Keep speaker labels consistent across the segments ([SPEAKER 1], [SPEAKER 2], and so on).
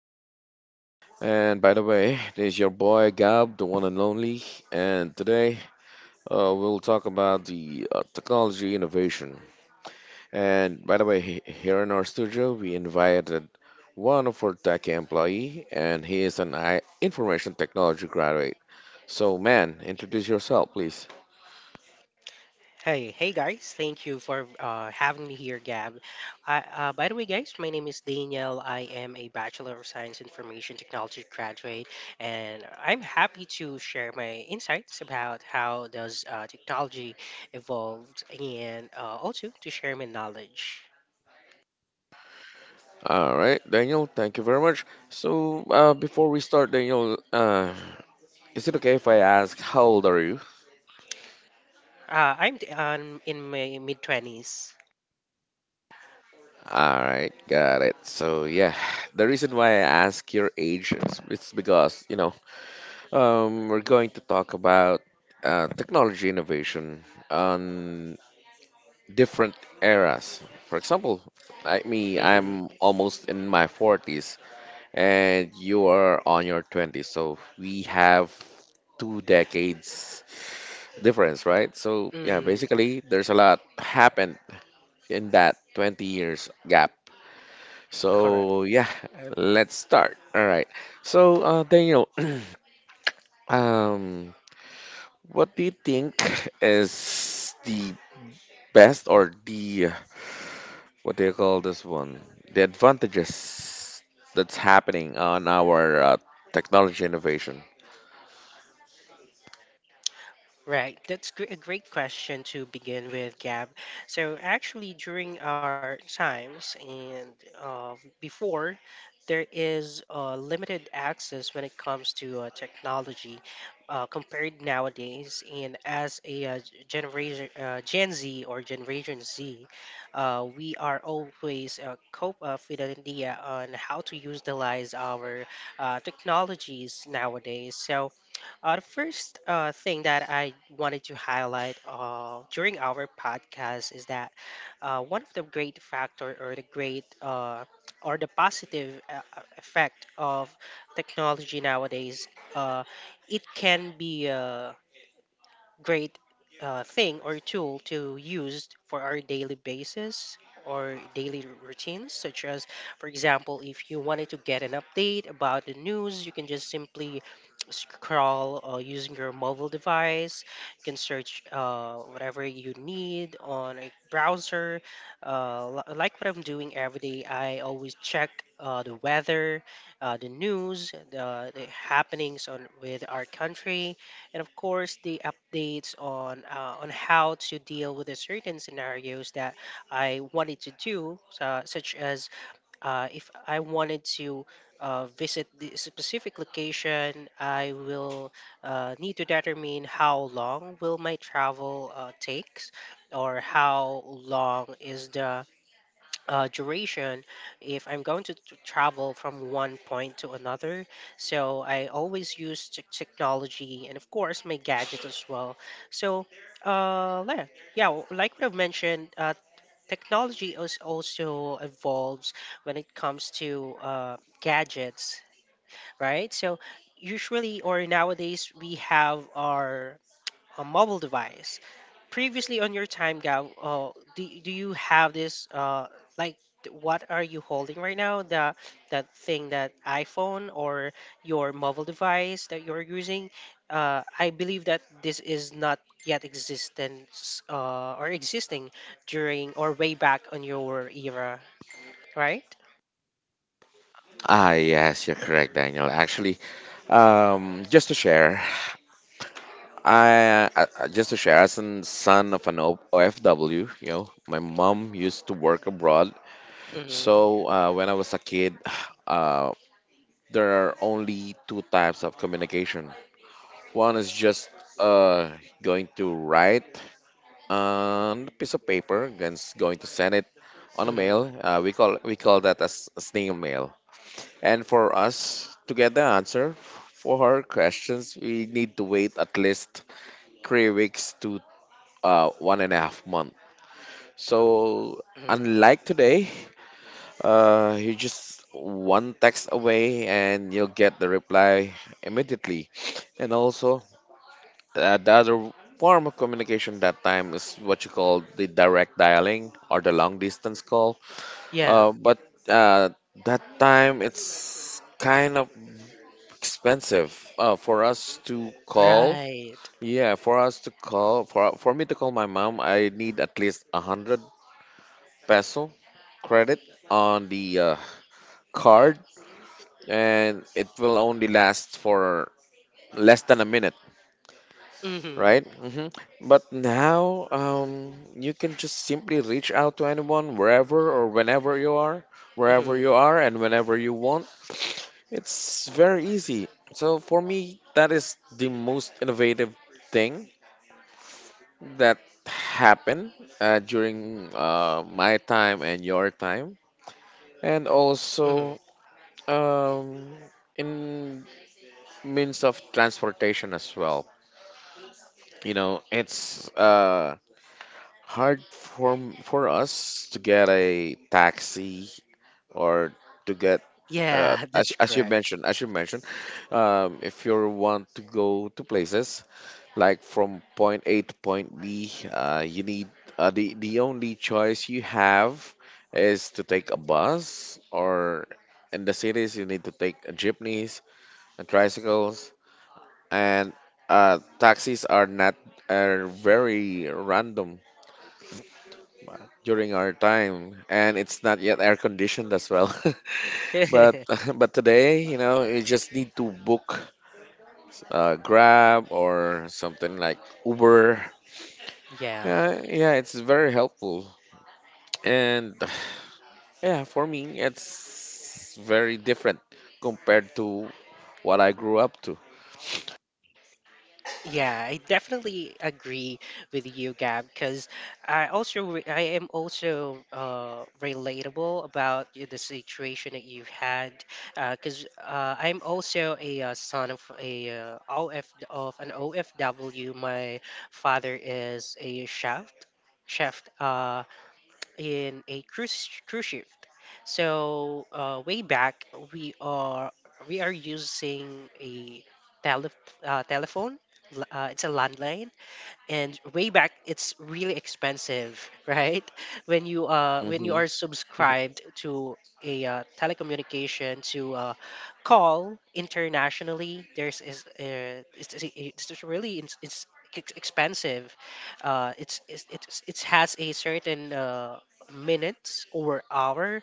[SPEAKER 1] podcast. And by the way, this is your boy Gab, the one and only. And today, we'll talk about the technology innovation. And by the way, here in our studio, we invited one of our tech employee, and he is an information technology graduate. So, man, introduce yourself, please.
[SPEAKER 2] Hey, hey guys, thank you for having me here, Gab. By the way, guys, my name is Daniel. I am a Bachelor of Science Information Technology graduate, and I'm happy to share my insights about how does technology evolved, and also to share my knowledge.
[SPEAKER 1] All right, Daniel, thank you very much. So, before we start, Daniel, is it okay if I ask how old are you?
[SPEAKER 2] I'm In my mid 20s.
[SPEAKER 1] All right, got it. So yeah, the reason why I ask your age is it's because, you know, we're going to talk about technology innovation on different eras. For example, like me,
[SPEAKER 2] Mm-hmm.
[SPEAKER 1] I'm almost in my 40s and you are on your 20s. So we have two decades difference, right? So yeah,
[SPEAKER 2] Mm-hmm.
[SPEAKER 1] basically there's a lot happened in that 20 years gap. So yeah, let's start. All right. So Daniel, um, what do you think is the best or the what do you call this one? The advantages that's happening on our technology innovation.
[SPEAKER 2] Right, that's gr- a great question to begin with, Gab. So, actually, during our times and uh, before, there is limited access when it comes to technology compared nowadays. And as a generation, Gen Z or Generation Z, we are always cope up with an idea on how to utilize our technologies nowadays. So, the first thing that I wanted to highlight during our podcast is that one of the great factor or the positive effect of technology nowadays, uh, it can be. Great thing or tool to use for our daily basis or daily routines such as, for example, if you wanted to get an update about the news, you can just simply scroll using your mobile device. You can search whatever you need on a browser. Like what I'm doing every day, I always check the weather, the news, the happenings on with our country, and of course the updates on how to deal with the certain scenarios that I wanted to do, such as if I wanted to visit the specific location. I will need to determine how long will my travel takes, or how long is the duration if I'm going to travel from one point to another. So I always use technology and, of course, my gadget as well. So, uh, le- yeah, like we have mentioned, technology is also evolves when it comes to gadgets, right? So usually or nowadays we have our a mobile device. Previously on your time, Gab, do you have this, like, what are you holding right now? The that thing, that iPhone or your mobile device that you're using? I believe that this is not yet existence or existing during or way back on your era, right?
[SPEAKER 1] Ah, yes, you're correct, Daniel. Actually, just to share. Just to share, as a son of an OFW, you know, my mom used to work abroad.
[SPEAKER 2] Mm-hmm,
[SPEAKER 1] So when I was a kid, uh, there are only two types of communication. One is just uh, going to write on a piece of paper, and going to send it on a
[SPEAKER 2] mm-hmm,
[SPEAKER 1] mail. We call that as snail mail. And for us to get the answer for her questions, we need to wait at least 3 weeks to one and a half month. So
[SPEAKER 2] mm-hmm.
[SPEAKER 1] unlike today, you just one text away and you'll get the reply immediately. And also, the other form of communication that time is what you call the direct dialing or the long distance call.
[SPEAKER 2] Yeah,
[SPEAKER 1] But uh, that time it's kind of expensive for us to call.
[SPEAKER 2] right.
[SPEAKER 1] Yeah, for us to call, for me to call my mom, I need at least 100 peso credit on the card, and it will only last for less than a minute,
[SPEAKER 2] Mm-hmm,
[SPEAKER 1] right? But now you can just simply reach out to anyone wherever or whenever you are, wherever
[SPEAKER 2] mm-hmm,
[SPEAKER 1] you are, and whenever you want. It's very easy. So for me, that is the most innovative thing that happened during my time and your time. And
[SPEAKER 2] mm-hmm.
[SPEAKER 1] also, um, in means of transportation as well. You know, it's hard for for us to get a taxi or to get
[SPEAKER 2] Yeah, that's
[SPEAKER 1] as you
[SPEAKER 2] correct.
[SPEAKER 1] mentioned, if you want to go to places like from point A to point B, you need the only choice you have is to take a bus or in the cities you need to take jeepneys and tricycles and taxis are not are very random uh, during our time, and it's not yet air conditioned as well. But but today, you know, you just need to book Grab or something like Uber.
[SPEAKER 2] Yeah,
[SPEAKER 1] Yeah, yeah, it's very helpful, and yeah, for me, it's very different compared to what I grew up to.
[SPEAKER 2] yeah, I definitely agree with you, Gab, because I am also relatable about the situation that you've had, because I'm also a son of a uh, OF of an OFW. My father is a chef, in a cruise ship. So way back, we are we are using a tele, telephone. It's a landline, and way back it's really expensive, right, when you
[SPEAKER 1] hmm
[SPEAKER 2] are subscribed to a telecommunication to call internationally, there's is it's just really it's ex- expensive. It has a certain minutes or hour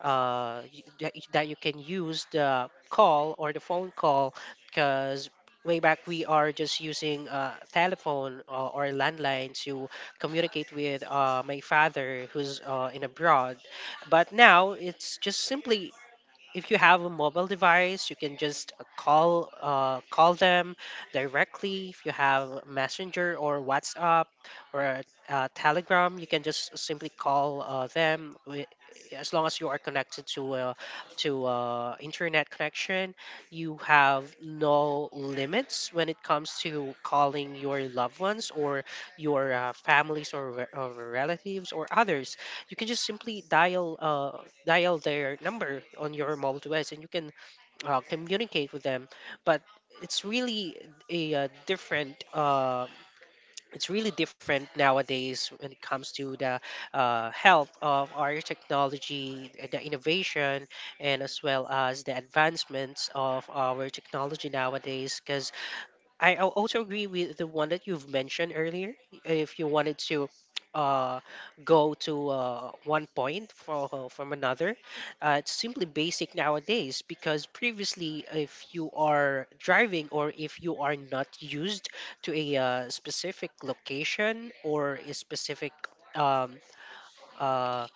[SPEAKER 2] that you can use the call or the phone call, because way back we are just using telephone or landline to communicate with my father who's in abroad. But now it's just simply, if you have a mobile device, you can just call them directly. If you have Messenger or WhatsApp or Telegram, you can just simply call them. As long as you are connected to internet connection, you have no limits when it comes to calling your loved ones or your families or, or relatives or others. You can just simply dial their number on your mobile device and you can communicate with them. But it's really a different it's really different nowadays when it comes to the health of our technology, the innovation, and as well as the advancements of our technology nowadays, because I also agree with the one that you've mentioned earlier. If you wanted to uh, go to one point from another, it's simply basic nowadays, because previously, if you are driving or if you are not used to a specific location or a specific um, uh,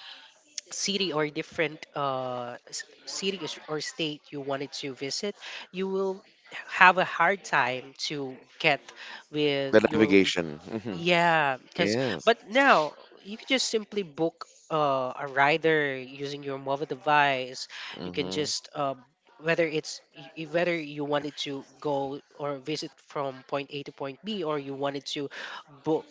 [SPEAKER 2] city or different city or or state you wanted to visit, you will have a hard time to get
[SPEAKER 1] The
[SPEAKER 2] with your —
[SPEAKER 1] navigation.
[SPEAKER 2] yeah, because,
[SPEAKER 1] Yes.
[SPEAKER 2] but now you can just simply book a rider using your mobile device. You can
[SPEAKER 1] hmm
[SPEAKER 2] just whether it's y- y- whether you wanted to go or visit from point A to point B, or you wanted to book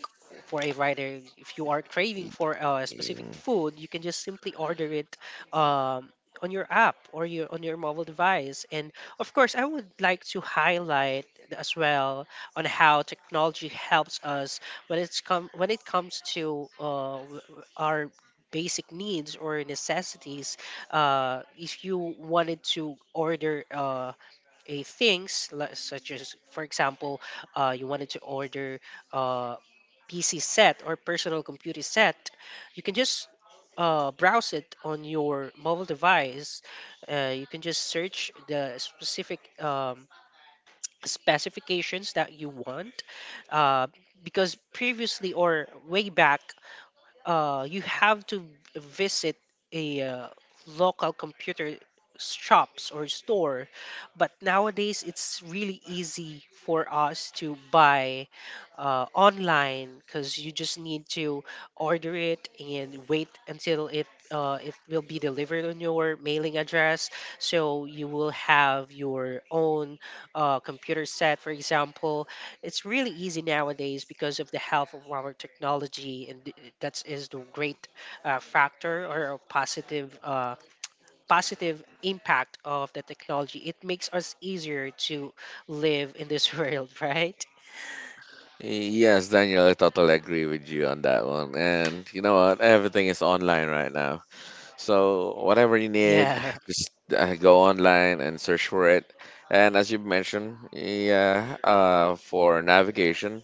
[SPEAKER 2] for a rider. If you are craving for a specific food, you can just simply order it. Um, on your app or your on your mobile device. And of course I would like to highlight as well on how technology helps us when it comes to our basic needs or necessities. If you wanted to order a things like — such as, for example, you wanted to order uh, pc set or personal computer set, you can just browse it on your mobile device. You can just search the specific specifications that you want, uh, because previously or way back you have to visit a local computer shops or store. But nowadays it's really easy for us to buy online, because you just need to order it and wait until it it will be delivered on your mailing address, so you will have your own computer set, for example. It's really easy nowadays because of the help of our technology, and that is the great factor or a positive positive impact of the technology. It makes us easier to live in this world, right?
[SPEAKER 1] Yes, Daniel, I totally agree with you on that one. And you know what? Everything is online right now. So whatever you need,
[SPEAKER 2] Yeah.
[SPEAKER 1] just go online and search for it. And as you mentioned, yeah, for navigation,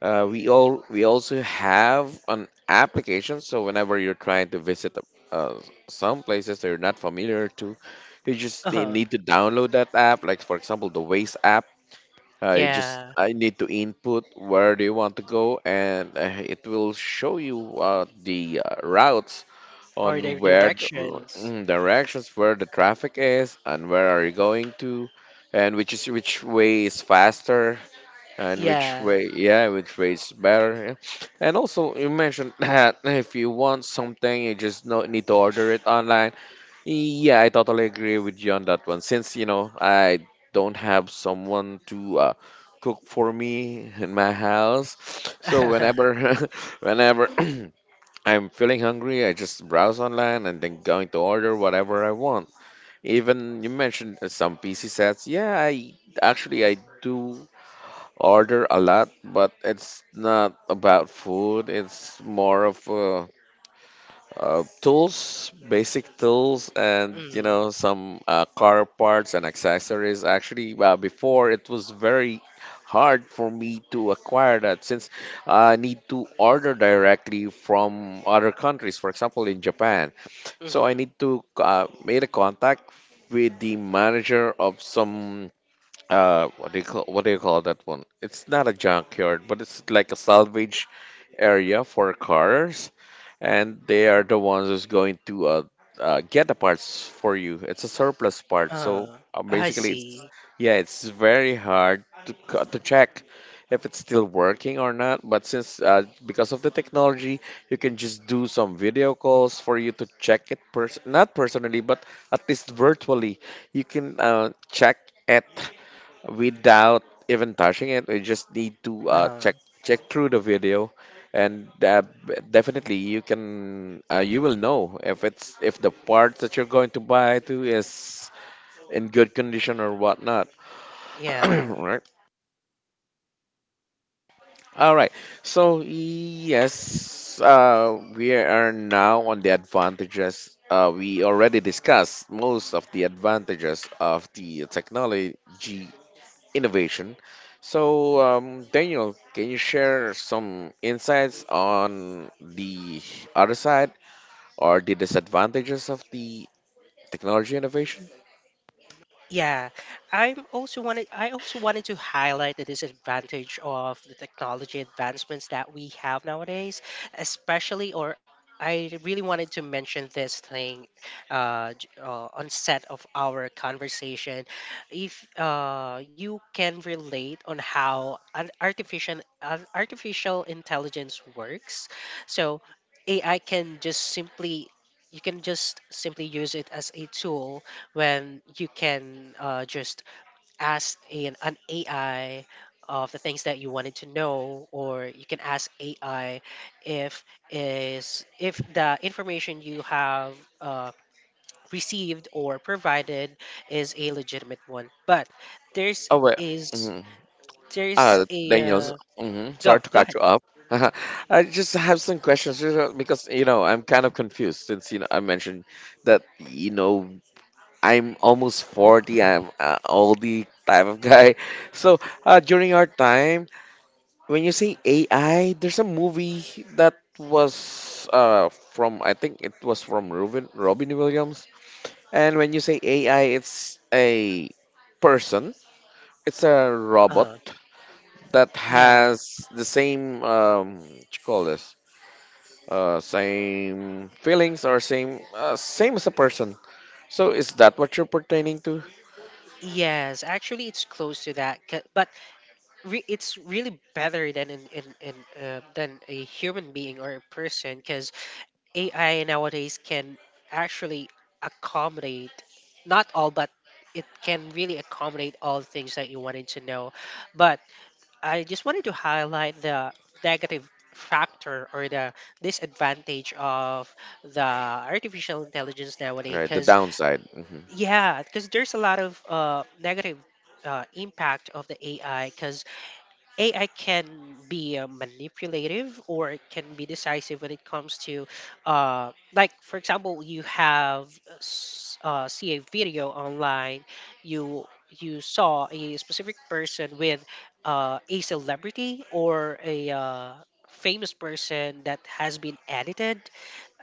[SPEAKER 1] we also have an application. So whenever you're trying to visit uh, some places that you're not familiar to, you just need
[SPEAKER 2] Uh-huh.
[SPEAKER 1] need to download that app. Like for example, the Waze app.
[SPEAKER 2] Yeah.
[SPEAKER 1] I need to input where do you want to go, and it will show you the routes
[SPEAKER 2] Or the
[SPEAKER 1] on
[SPEAKER 2] directions.
[SPEAKER 1] mm, directions where the traffic is and where are you going to, and which way is faster and
[SPEAKER 2] Yeah.
[SPEAKER 1] which way is better, yeah. And also you mentioned that if you want something, you just no, need to order it online. Yeah, I totally agree with you on that one. Since, you know, I don't have someone to cook for me in my house, so
[SPEAKER 2] Mm-hmm.
[SPEAKER 1] whenever whenever I'm feeling hungry, I just browse online and then going to order whatever I want. Even you mentioned some PC sets. Yeah, I actually I do order a lot, but it's not about food. It's more of tools, basic tools, and you know some car parts and accessories. Actually, before it was very hard for me to acquire that since I need to order directly from other countries. For example, in Japan, so
[SPEAKER 2] Mm-hmm.
[SPEAKER 1] I need to made a contact with the manager of some what do you call that one? It's not a junkyard, but it's like a salvage area for cars, and they are the ones who's going to get the parts for you. It's a surplus part,
[SPEAKER 2] Uh,
[SPEAKER 1] so
[SPEAKER 2] I
[SPEAKER 1] basically
[SPEAKER 2] see.
[SPEAKER 1] it's yeah, it's very hard to to check if it's still working or not. But since because of the technology, you can just do some video calls for you to check it not personally, but at least virtually you can check it without even touching it. We just need to
[SPEAKER 2] Uh-huh.
[SPEAKER 1] check through the video, and definitely you can you will know if it's if the part that you're going to buy to is in good condition or whatnot,
[SPEAKER 2] Yeah.
[SPEAKER 1] right? All right. So yes, we are now on the advantages. We already discussed most of the advantages of the technology innovation. So, Daniel, can you share some insights on the other side or the disadvantages of the technology innovation?
[SPEAKER 2] Yeah, I also wanted to highlight the disadvantage of the technology advancements that we have nowadays, especially or — I really wanted to mention this thing on set of our conversation. If you can relate on how an artificial intelligence works, so AI can just simply — you can just simply use it as a tool, when you can just ask an AI of the things that you wanted to know, or you can ask AI if is if the information you have uh, received or provided is a legitimate one. But there's
[SPEAKER 1] Oh, wait.
[SPEAKER 2] is
[SPEAKER 1] hmm
[SPEAKER 2] there's a
[SPEAKER 1] Daniel, sorry
[SPEAKER 2] go
[SPEAKER 1] to
[SPEAKER 2] go
[SPEAKER 1] cut
[SPEAKER 2] ahead.
[SPEAKER 1] you off. I just have some questions, you know, because, you know, I'm kind of confused since, you know, I mentioned that, you know, I'm almost 40. I'm all the type of guy. So, during our time, when you say AI, there's a movie that was from I think it was from Robin Williams. And when you say AI, it's a person. It's a robot
[SPEAKER 2] Uh,
[SPEAKER 1] that
[SPEAKER 2] yeah.
[SPEAKER 1] has the same what you call this same feelings or same as a person. So is that what you're pertaining to?
[SPEAKER 2] Yes, actually, it's close to that. But it's really better than in than a human being or a person, because AI nowadays can actually accommodate not all, but it can really accommodate all things that you wanted to know. But I just wanted to highlight the negative factor or the disadvantage of the artificial intelligence nowadays
[SPEAKER 1] Right, the
[SPEAKER 2] because —
[SPEAKER 1] downside. Mhm.
[SPEAKER 2] yeah, because there's a lot of negative impact of the AI, because AI can be manipulative or it can be decisive when it comes to, like, for example, you have see a video online, you you saw a specific person with a celebrity or a famous person that has been edited.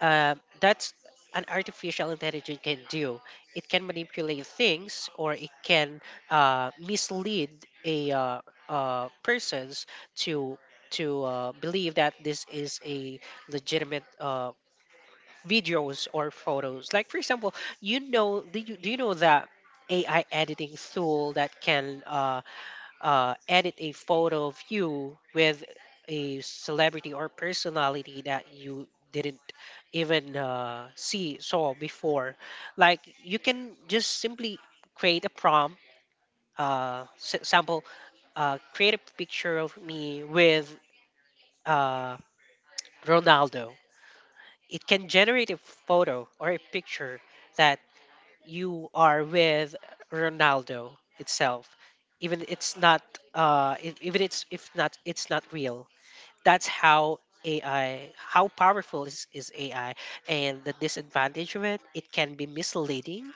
[SPEAKER 2] Uh, that's an artificial intelligence can do. It can manipulate things or it can mislead a persons to believe that this is a legitimate videos or photos. Like, for example, you know, do you know that AI editing tool that can edit a photo of you with a celebrity or personality that you didn't even see saw before? Like you can just simply create a prompt, sample, create a picture of me with uh, Ronaldo. It can generate a photo or a picture that you are with Ronaldo itself, even it's not even it's, if not it's not real. That's how AI, how powerful is AI, and the disadvantage of it, it can be misleading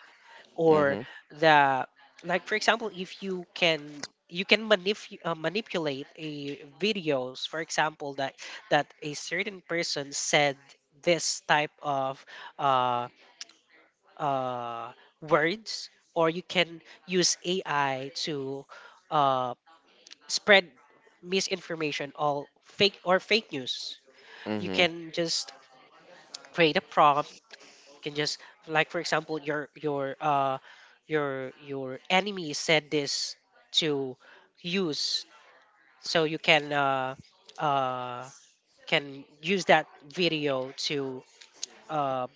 [SPEAKER 2] or
[SPEAKER 1] Mhm.
[SPEAKER 2] the like, for example, if you can you can manipulate a videos, for example, that a certain person said this type of uh, uh, words. Or you can use ai to uh, spread misinformation, all fake or fake news. You
[SPEAKER 1] Mhm.
[SPEAKER 2] can just create a prompt, can just, like for example, your enemy said this to use, so you uh can use that video uh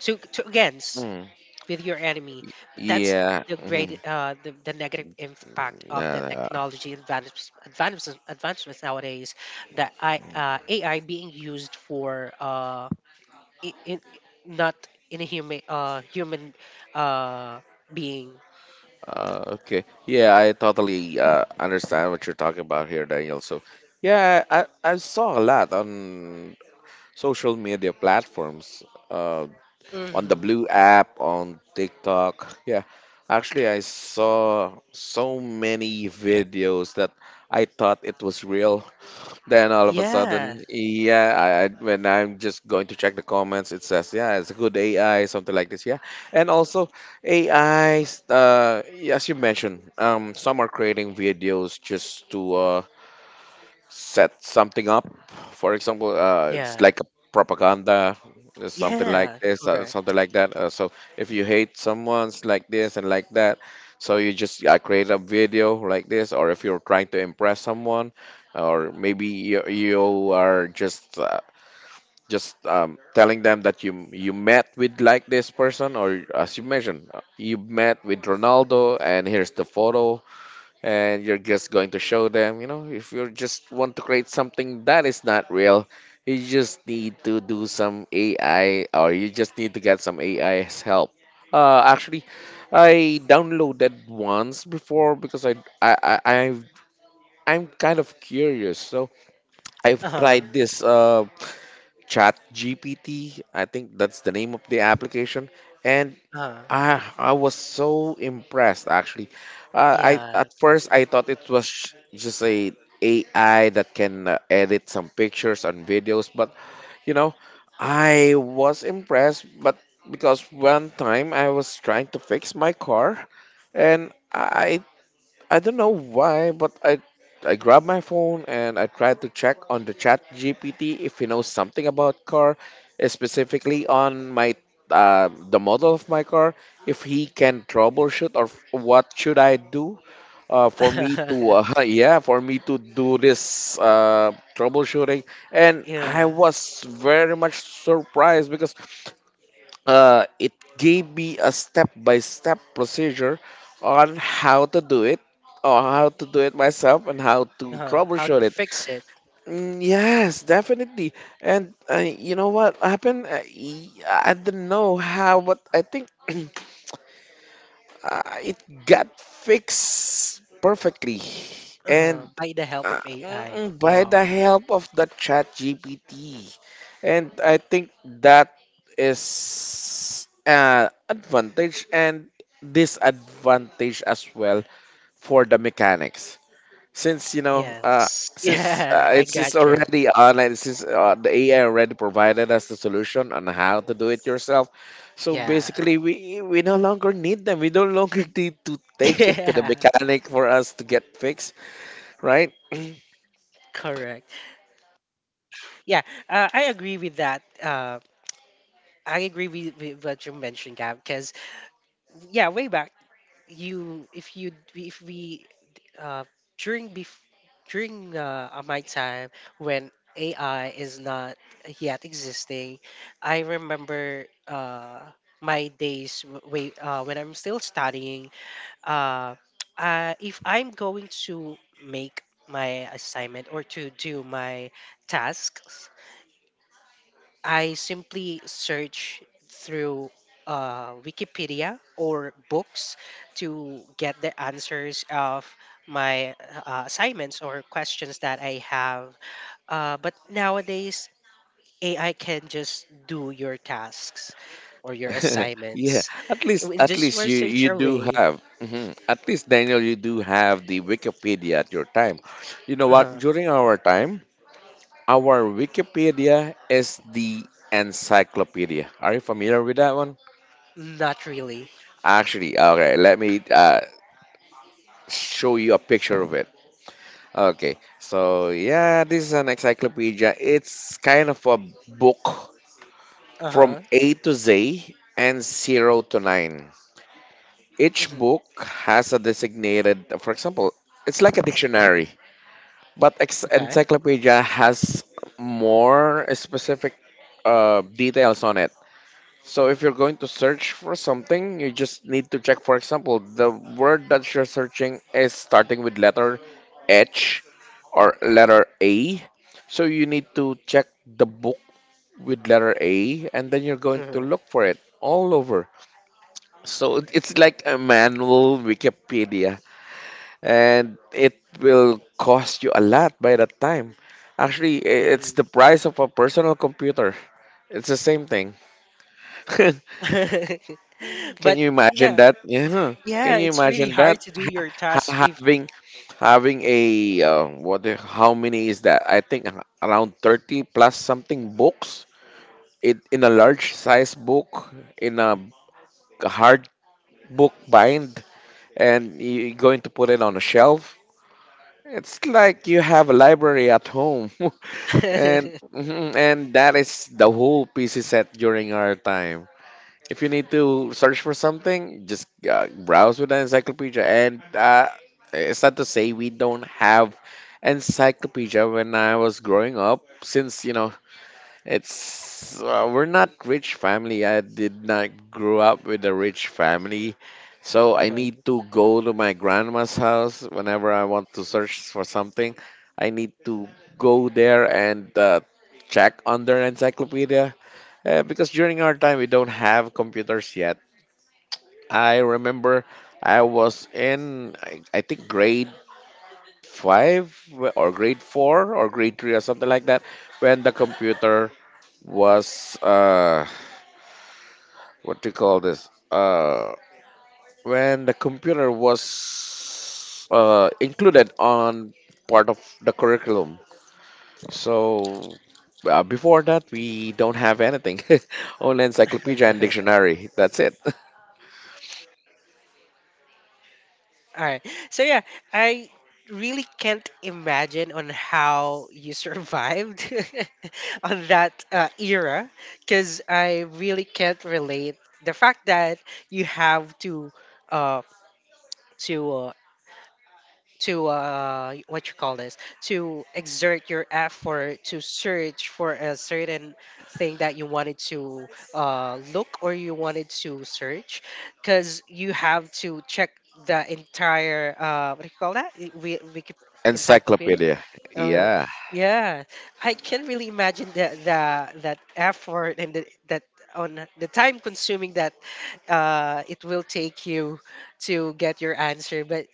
[SPEAKER 2] to against
[SPEAKER 1] Mm.
[SPEAKER 2] with your enemy. That's
[SPEAKER 1] Yeah.
[SPEAKER 2] the
[SPEAKER 1] Mhm.
[SPEAKER 2] negative impact
[SPEAKER 1] No,
[SPEAKER 2] of the
[SPEAKER 1] no.
[SPEAKER 2] technology advancements nowadays, that I ai being used for in not in a human uh being.
[SPEAKER 1] Okay. Yeah, I totally understand what you're talking about here, Daniel. So, yeah, I saw a lot on social media platforms, uh, on the
[SPEAKER 2] hmm
[SPEAKER 1] Blue app, on TikTok. Yeah, actually, I saw so many videos that I thought it was real, then all of a
[SPEAKER 2] Yeah,
[SPEAKER 1] sudden, yeah, I when I'm just going to check the comments, it says, yeah, it's a good AI, something like this, yeah. And also, AIs, as you mentioned, some are creating videos just to set something up. For example, it's
[SPEAKER 2] yeah,
[SPEAKER 1] like a propaganda, it's something
[SPEAKER 2] yeah.
[SPEAKER 1] like this,
[SPEAKER 2] Correct.
[SPEAKER 1] something like that. So if you hate someone's like this and like that, so you just create a video like this, or if you're trying to impress someone, or maybe you are just telling them that you met with like this person, or as you mentioned, you met with Ronaldo, and here's the photo and you're just going to show them, you know, if you just want to create something that is not real, you just need to do some AI or you just need to get some AI's help. Actually, I downloaded once before because I I I've, I'm kind of curious, so I've
[SPEAKER 2] Uh huh.
[SPEAKER 1] tried this Chat GPT. I think that's the name of the application, and
[SPEAKER 2] Uh-huh. Uh-huh.
[SPEAKER 1] I was so impressed actually. I
[SPEAKER 2] Yeah.
[SPEAKER 1] at first I thought it was just a AI that can edit some pictures and videos, but you know, I was impressed. But because one time I was trying to fix my car, and I don't know why, but I grabbed my phone and I tried to check on the chat GPT if he knows something about car, eh, specifically on my the model of my car, if he can troubleshoot or what should I do for me to yeah for me to do this troubleshooting. And I
[SPEAKER 2] Yeah.
[SPEAKER 1] was very much surprised because it gave me a step-by-step procedure on how to do it or how to do it myself and how to
[SPEAKER 2] Uh-huh. How
[SPEAKER 1] troubleshoot
[SPEAKER 2] to
[SPEAKER 1] it.
[SPEAKER 2] fix it?
[SPEAKER 1] Mm, yes, definitely. And you know what happened, I didn't know how, but I think it got fixed perfectly. And
[SPEAKER 2] Uh-huh. By the help of AI.
[SPEAKER 1] by the
[SPEAKER 2] Wow.
[SPEAKER 1] help of the chat gpt. And I think that is advantage and disadvantage as well for the mechanics, since
[SPEAKER 2] Yes. Yeah. I
[SPEAKER 1] it's
[SPEAKER 2] gotcha.
[SPEAKER 1] already online. Since the AI already provided us the solution on how to do it yourself, so
[SPEAKER 2] Yeah.
[SPEAKER 1] basically we no longer need them, we no longer need to take it to the
[SPEAKER 2] Yeah.
[SPEAKER 1] mechanic for us to get fixed, right?
[SPEAKER 2] Correct. Yeah. I agree with that. I agree with, what you mentioned, Gab. Because yeah, way back, you if we uh during bef- during my time, when AI is not yet existing, I remember my days w- way when I'm still studying. Uh, if I'm going to make my assignment or to do my tasks, I simply search through Wikipedia or books to get the answers of my assignments or questions that I have. But nowadays, AI can just do your tasks or your
[SPEAKER 1] Yeah,
[SPEAKER 2] assignments
[SPEAKER 1] at least
[SPEAKER 2] in
[SPEAKER 1] at
[SPEAKER 2] just
[SPEAKER 1] least
[SPEAKER 2] one
[SPEAKER 1] you
[SPEAKER 2] search
[SPEAKER 1] you do
[SPEAKER 2] away.
[SPEAKER 1] have, mhm, at least Daniel you do have the Wikipedia at your time. You know what,
[SPEAKER 2] Uh-huh.
[SPEAKER 1] during our time, our Wikipedia is the encyclopedia. Are you familiar with that one?
[SPEAKER 2] Not really.
[SPEAKER 1] Actually, okay, let me show you a picture of it. Okay, so yeah, this is an encyclopedia. It's kind of a book
[SPEAKER 2] Uh
[SPEAKER 1] from
[SPEAKER 2] huh.
[SPEAKER 1] A to Z and 0 to 9. Each book has a designated, for example, it's like a dictionary, but
[SPEAKER 2] Okay.
[SPEAKER 1] encyclopedia has more specific details on it. So if you're going to search for something, you just need to check, for example, the word that you're searching is starting with letter H or letter A. So you need to check the book with letter A and then you're going to
[SPEAKER 2] Mhm.
[SPEAKER 1] look for it all over. So it's like a manual Wikipedia, and it will cost you a lot by that time. Actually, it's the price of a personal computer. It's the same thing. Can
[SPEAKER 2] but
[SPEAKER 1] you imagine
[SPEAKER 2] No,
[SPEAKER 1] that? Yeah. Can
[SPEAKER 2] yeah,
[SPEAKER 1] you
[SPEAKER 2] it's really
[SPEAKER 1] imagine
[SPEAKER 2] hard
[SPEAKER 1] that?
[SPEAKER 2] to do your
[SPEAKER 1] Ha-
[SPEAKER 2] task if.
[SPEAKER 1] having having a what? How many is that? I think around 30 plus something books. It in a large size book in a hard book bind, and you're going to put it on a shelf. It's like you have a library at home. And and that is the whole PC set during our time. If you need to search for something, just browse with an encyclopedia. And it's not to say we don't have encyclopedia when I was growing up, since, you know, it's we're not rich family. I did not grow up with a rich family. So I
[SPEAKER 2] Uh-huh.
[SPEAKER 1] need to go to my grandma's house whenever I want to search for something. I need to go there and check on their encyclopedia. Because during our time, we don't have computers yet. I remember I was in, I think, grade five or grade four or grade three or something like that, when the computer was, what do you call this? When the computer was included on part of the curriculum. So before that, we don't have anything. Only encyclopedia and
[SPEAKER 2] All
[SPEAKER 1] dictionary. That's it.
[SPEAKER 2] right. So yeah, I really can't imagine on how you survived on that era, because I really can't relate the fact that you have uh to uh, to what you call this, to exert your effort to search for a certain thing that you wanted to look, or you wanted to search, because you have to check the entire what do you call that, we encyclopedia.
[SPEAKER 1] Encyclopedia.
[SPEAKER 2] uh,
[SPEAKER 1] Yeah.
[SPEAKER 2] yeah, I can really imagine the that effort, and the, that on the time consuming that it will take you to get your answer. But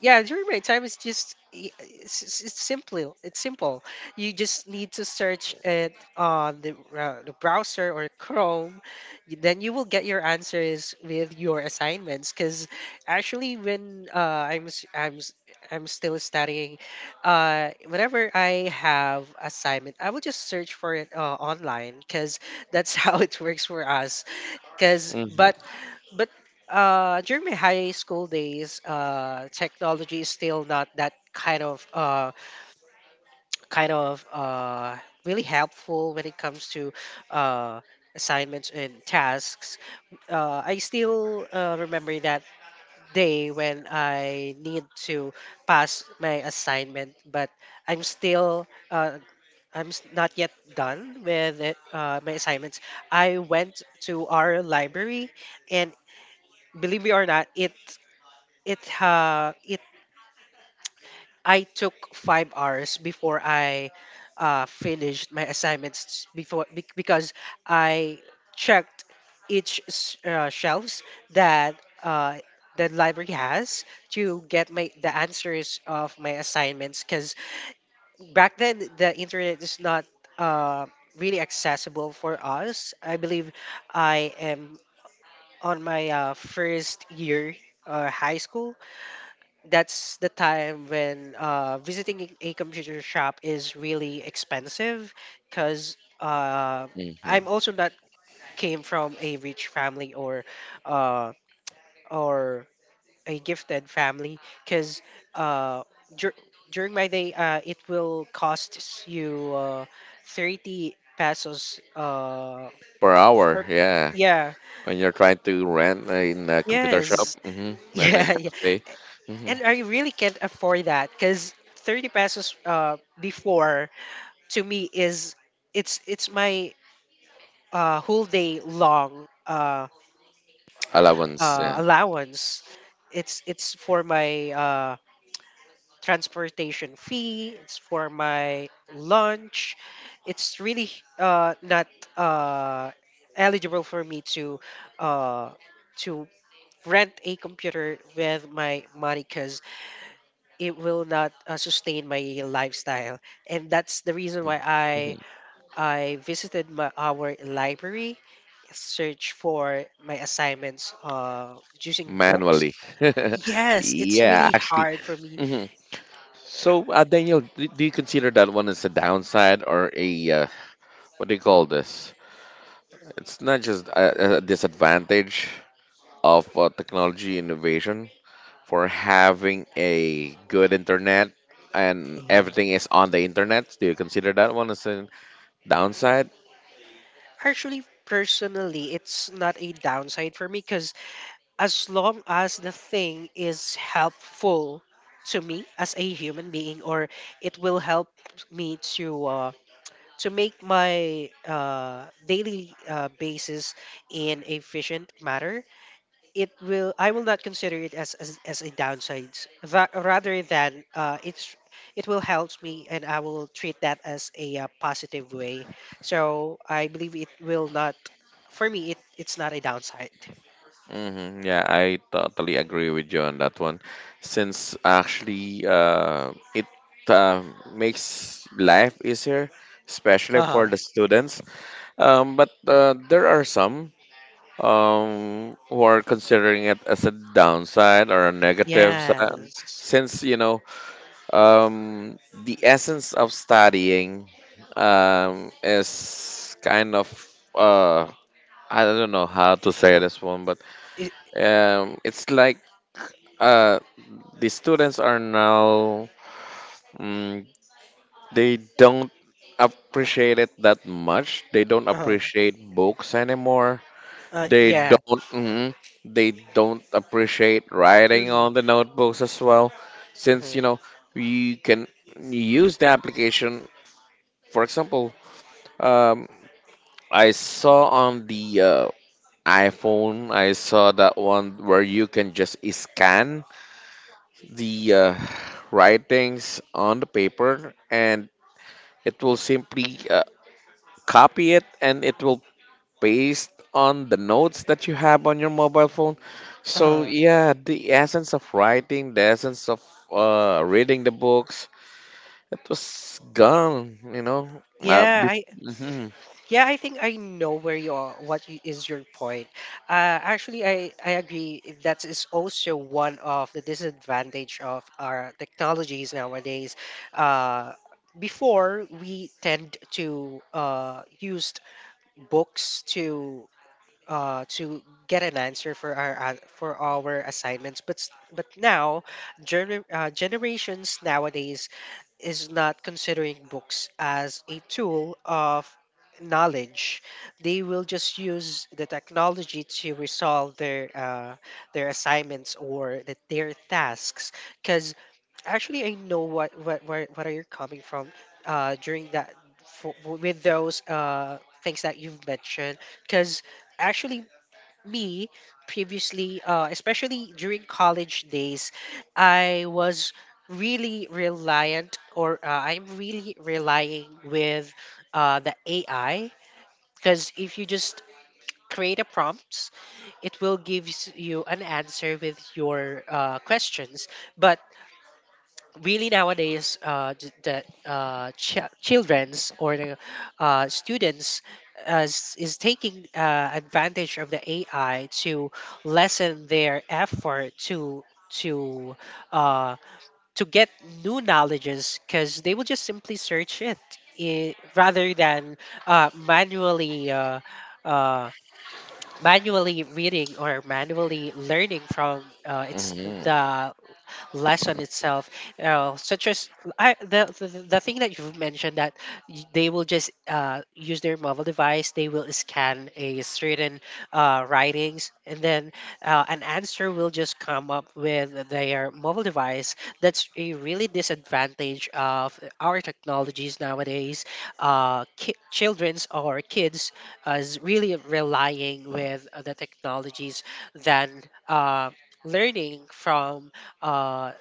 [SPEAKER 2] yeah, during my time, it's just it's simple, you just need to search it on the browser or Chrome, then you will get your answers with your assignments. Because actually, when i'm s- i'm s- I'm still studying, whenever I have assignment, I will just search for it online, because that's how it works for us. Because
[SPEAKER 1] Hmm.
[SPEAKER 2] But during my high school days, technology is still not that kind of really helpful when it comes to uh, assignments and tasks. I still remember that day when I need to pass my assignment, but I'm still not yet done with it, my assignments. I went to our library, and believe it or not, it it I took five hours before I finished my assignments before because I checked each shelves that uh, the library has to get my the answers of my assignments, because back then the internet is not uh, really accessible for us. I believe I am on my first year high school. That's the time when visiting a computer shop is really expensive, because I'm
[SPEAKER 1] Hmm.
[SPEAKER 2] also not came from a rich family, or uh, or a gifted family, because uh, dur- during my day, it will cost you 30 pesos
[SPEAKER 1] Per hour,
[SPEAKER 2] for,
[SPEAKER 1] yeah.
[SPEAKER 2] yeah.
[SPEAKER 1] When you're trying to rent in a computer shop,
[SPEAKER 2] Yes.
[SPEAKER 1] hmm, then a
[SPEAKER 2] Yeah, yeah.
[SPEAKER 1] cafe, hmm,
[SPEAKER 2] And I really can't afford that, because 30 pesos before to me is it's my whole day long
[SPEAKER 1] allowance, yeah.
[SPEAKER 2] allowance. It's for my transportation fee. It's for my lunch. It's really not uh, eligible for me uh, to rent a computer with my money, because it will not sustain my lifestyle, and that's the reason why
[SPEAKER 1] Mhm.
[SPEAKER 2] I visited our library, searched for my assignments using books.
[SPEAKER 1] Manually.
[SPEAKER 2] Yes, it's
[SPEAKER 1] Yeah,
[SPEAKER 2] really
[SPEAKER 1] actually.
[SPEAKER 2] hard for me.
[SPEAKER 1] Hmm. So, Daniel, do you consider that one as a downside or a, what do you call this? It's not just a disadvantage of technology innovation for having a good internet and
[SPEAKER 2] Uh,
[SPEAKER 1] everything is on the internet. Do you consider that one as a downside?
[SPEAKER 2] Actually, personally, it's not a downside for me, because as long as the thing is helpful to me as a human being, or it will help me to make my daily basis in efficient manner, it will I will not consider it as a downside. Rather than it will help me, and I will treat that as a positive way. So I believe it will not, for me it's not a downside.
[SPEAKER 1] Hmm. Yeah, I totally agree with you on that one. Since actually, it uh, makes life easier, especially for
[SPEAKER 2] Uh-huh.
[SPEAKER 1] the students. But there are some who are considering it as a downside or a negative side,
[SPEAKER 2] Yes.
[SPEAKER 1] since you know um, the essence of studying is kind of uh, I don't know how to say this one, but
[SPEAKER 2] it,
[SPEAKER 1] um, it's like uh, the students are now, mm, they don't appreciate it that much. They don't
[SPEAKER 2] uh,
[SPEAKER 1] appreciate books anymore. They
[SPEAKER 2] yeah.
[SPEAKER 1] don't, mm, they don't appreciate writing
[SPEAKER 2] Mhm.
[SPEAKER 1] on the notebooks as well,
[SPEAKER 2] Mhm.
[SPEAKER 1] since you know
[SPEAKER 2] Uh-huh.
[SPEAKER 1] you can use the application. For example, um, I saw on the iPhone, I saw that one where you can just scan the writings on the paper and it will simply copy it and it will paste on the notes that you have on your mobile phone. So
[SPEAKER 2] Uh-huh.
[SPEAKER 1] yeah, the essence of writing, the essence of reading the books, it was gone, you know. uh,
[SPEAKER 2] yeah
[SPEAKER 1] bef-
[SPEAKER 2] I
[SPEAKER 1] Mhm.
[SPEAKER 2] Yeah, I think I know where you are. What is your point? Actually, I agree. That is also one of the disadvantage of our technologies nowadays. Uh, Before, we tend to use books to get an answer for our for our assignments, but but now generations nowadays is not considering books as a tool of knowledge. They will just use the technology to resolve their assignments or their tasks. Because actually, I know what are you coming from during that for, with those things that you've mentioned. Because actually, me previously, especially during college days, I was really reliant, or I'm really relying with the AI, because if you just create a prompt, it will give you an answer with your questions. But really nowadays, that children's or the students as is taking advantage of the AI to lessen their effort to to uh, to get new knowledges, because they will just simply search it, I rather than manually uh, manually reading, or manually learning from it's
[SPEAKER 1] Mhm.
[SPEAKER 2] the lesson itself, such as the thing that you've mentioned, that they will just use their mobile device, they will scan a certain writings, and then an answer will just come up with their mobile device. That's a really disadvantage of our technologies nowadays. Children's or kids is really relying with the technologies than uh, learning from uh,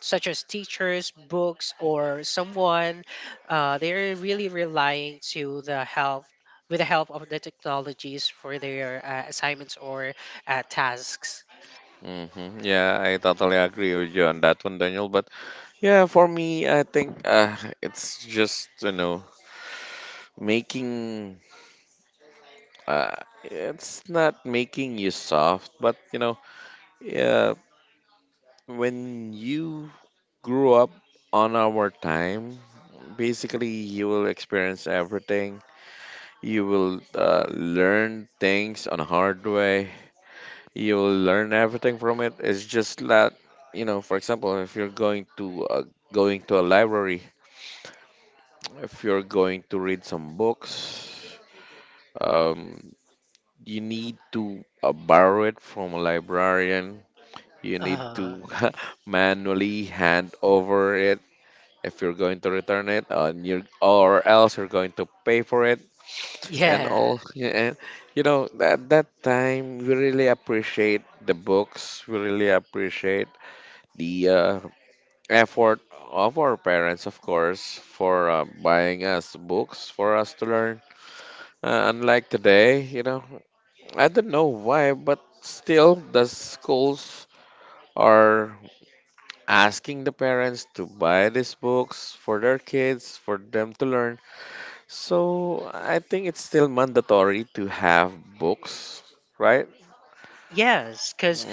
[SPEAKER 2] such as teachers, books, or someone. They're really relying to the help, with the help of the technologies for their assignments or tasks.
[SPEAKER 1] Mhm. Yeah, I totally agree with you on that one, Daniel, but yeah, for me, I think it's just, you know, making uh, it's not making you soft, but you know, yeah, when you grew up on our time, basically you will experience everything. You will learn things on a hard way. You will learn everything from it. It's just that, you know, for example, if you're going to a library, if you're going to read some books, um, you need to borrow it from a librarian. You need
[SPEAKER 2] Uh,
[SPEAKER 1] to manually hand over it if you're going to return it, and you or else you're going to pay for it. And
[SPEAKER 2] yeah.
[SPEAKER 1] all, yeah, and, you know, at that time, we really appreciate the books. We really appreciate the effort of our parents, of course, for buying us books for us to learn. Unlike today, you know, I don't know why, but still the schools are asking the parents to buy these books for their kids for them to learn. So I think it's still mandatory to have books, right?
[SPEAKER 2] Yes, because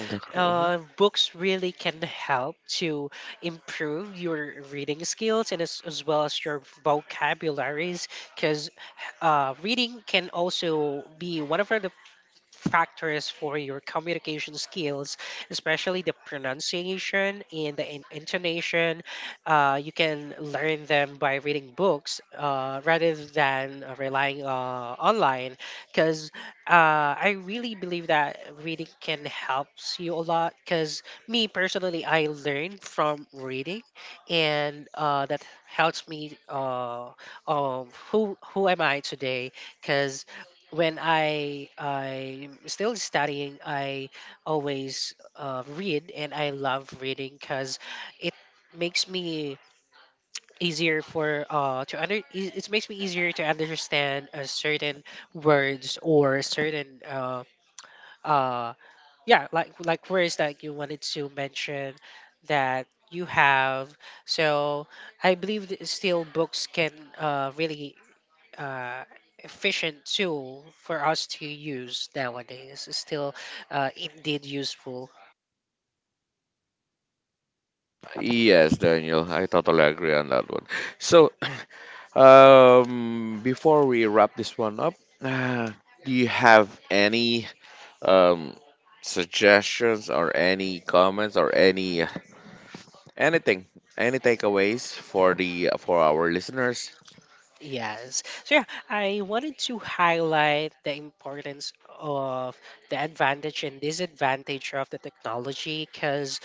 [SPEAKER 1] Mhm.
[SPEAKER 2] books really can help to improve your reading skills, and as well as your vocabularies. Because reading can also be one of the factors for your communication skills, especially the pronunciation and the intonation. You can learn them by reading books, rather than relying online, because I really believe that reading can helps you a lot. Because me personally, I learn from reading, and that helps me who am I today, because when I'm still studying, I always read, and I love reading, because it makes me easier for to under it it makes me easier to understand certain words or certain uh yeah, like words that you wanted to mention that you have. So I believe that still books can really uh, efficient tool for us to use nowadays, is still indeed useful.
[SPEAKER 1] Yes, Daniel, I totally agree on that one. So before we wrap this one up, uh, do you have any um, suggestions or any comments or any anything, any takeaways for the for our listeners?
[SPEAKER 2] Yes. So yeah, I wanted to highlight the importance of the advantage and disadvantage of the technology, because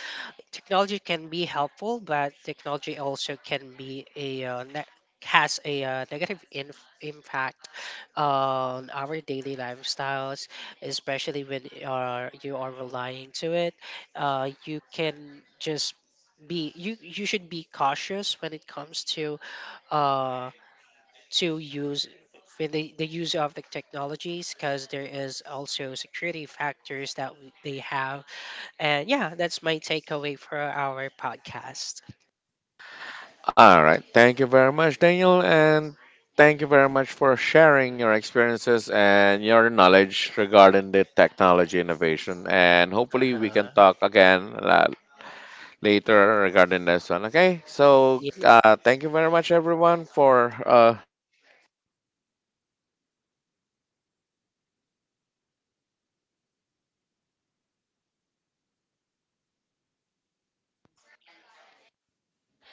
[SPEAKER 2] technology can be helpful, but technology also can be a has a negative impact on our daily lifestyles, especially when you are relying to it. You can just be, you should be cautious when it comes uh, to use with the use of the technologies, because there is also security factors that they have. And yeah, that's my takeaway for our podcast.
[SPEAKER 1] All right. Thank you very much, Daniel, and thank you very much for sharing your experiences and your knowledge regarding the technology innovation. And hopefully, we can
[SPEAKER 2] Uh-huh.
[SPEAKER 1] talk again later regarding this one. Okay. So,
[SPEAKER 2] Yeah.
[SPEAKER 1] thank you very much, everyone, for subscribing.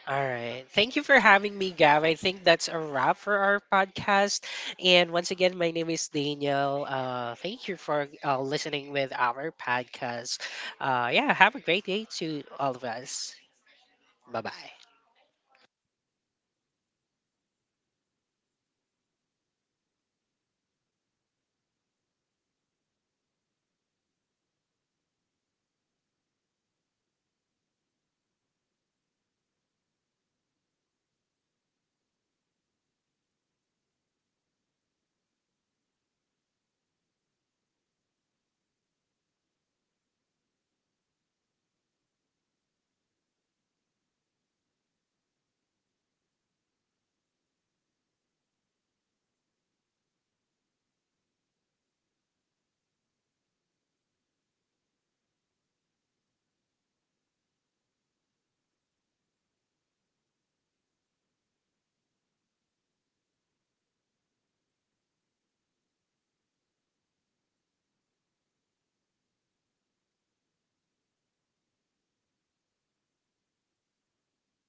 [SPEAKER 2] All right. Thank you for having me, Gav. I think that's a wrap for our podcast. And once again, my name is Daniel. Thank you for listening with our podcast. Yeah, have a great day to all of us. Bye bye.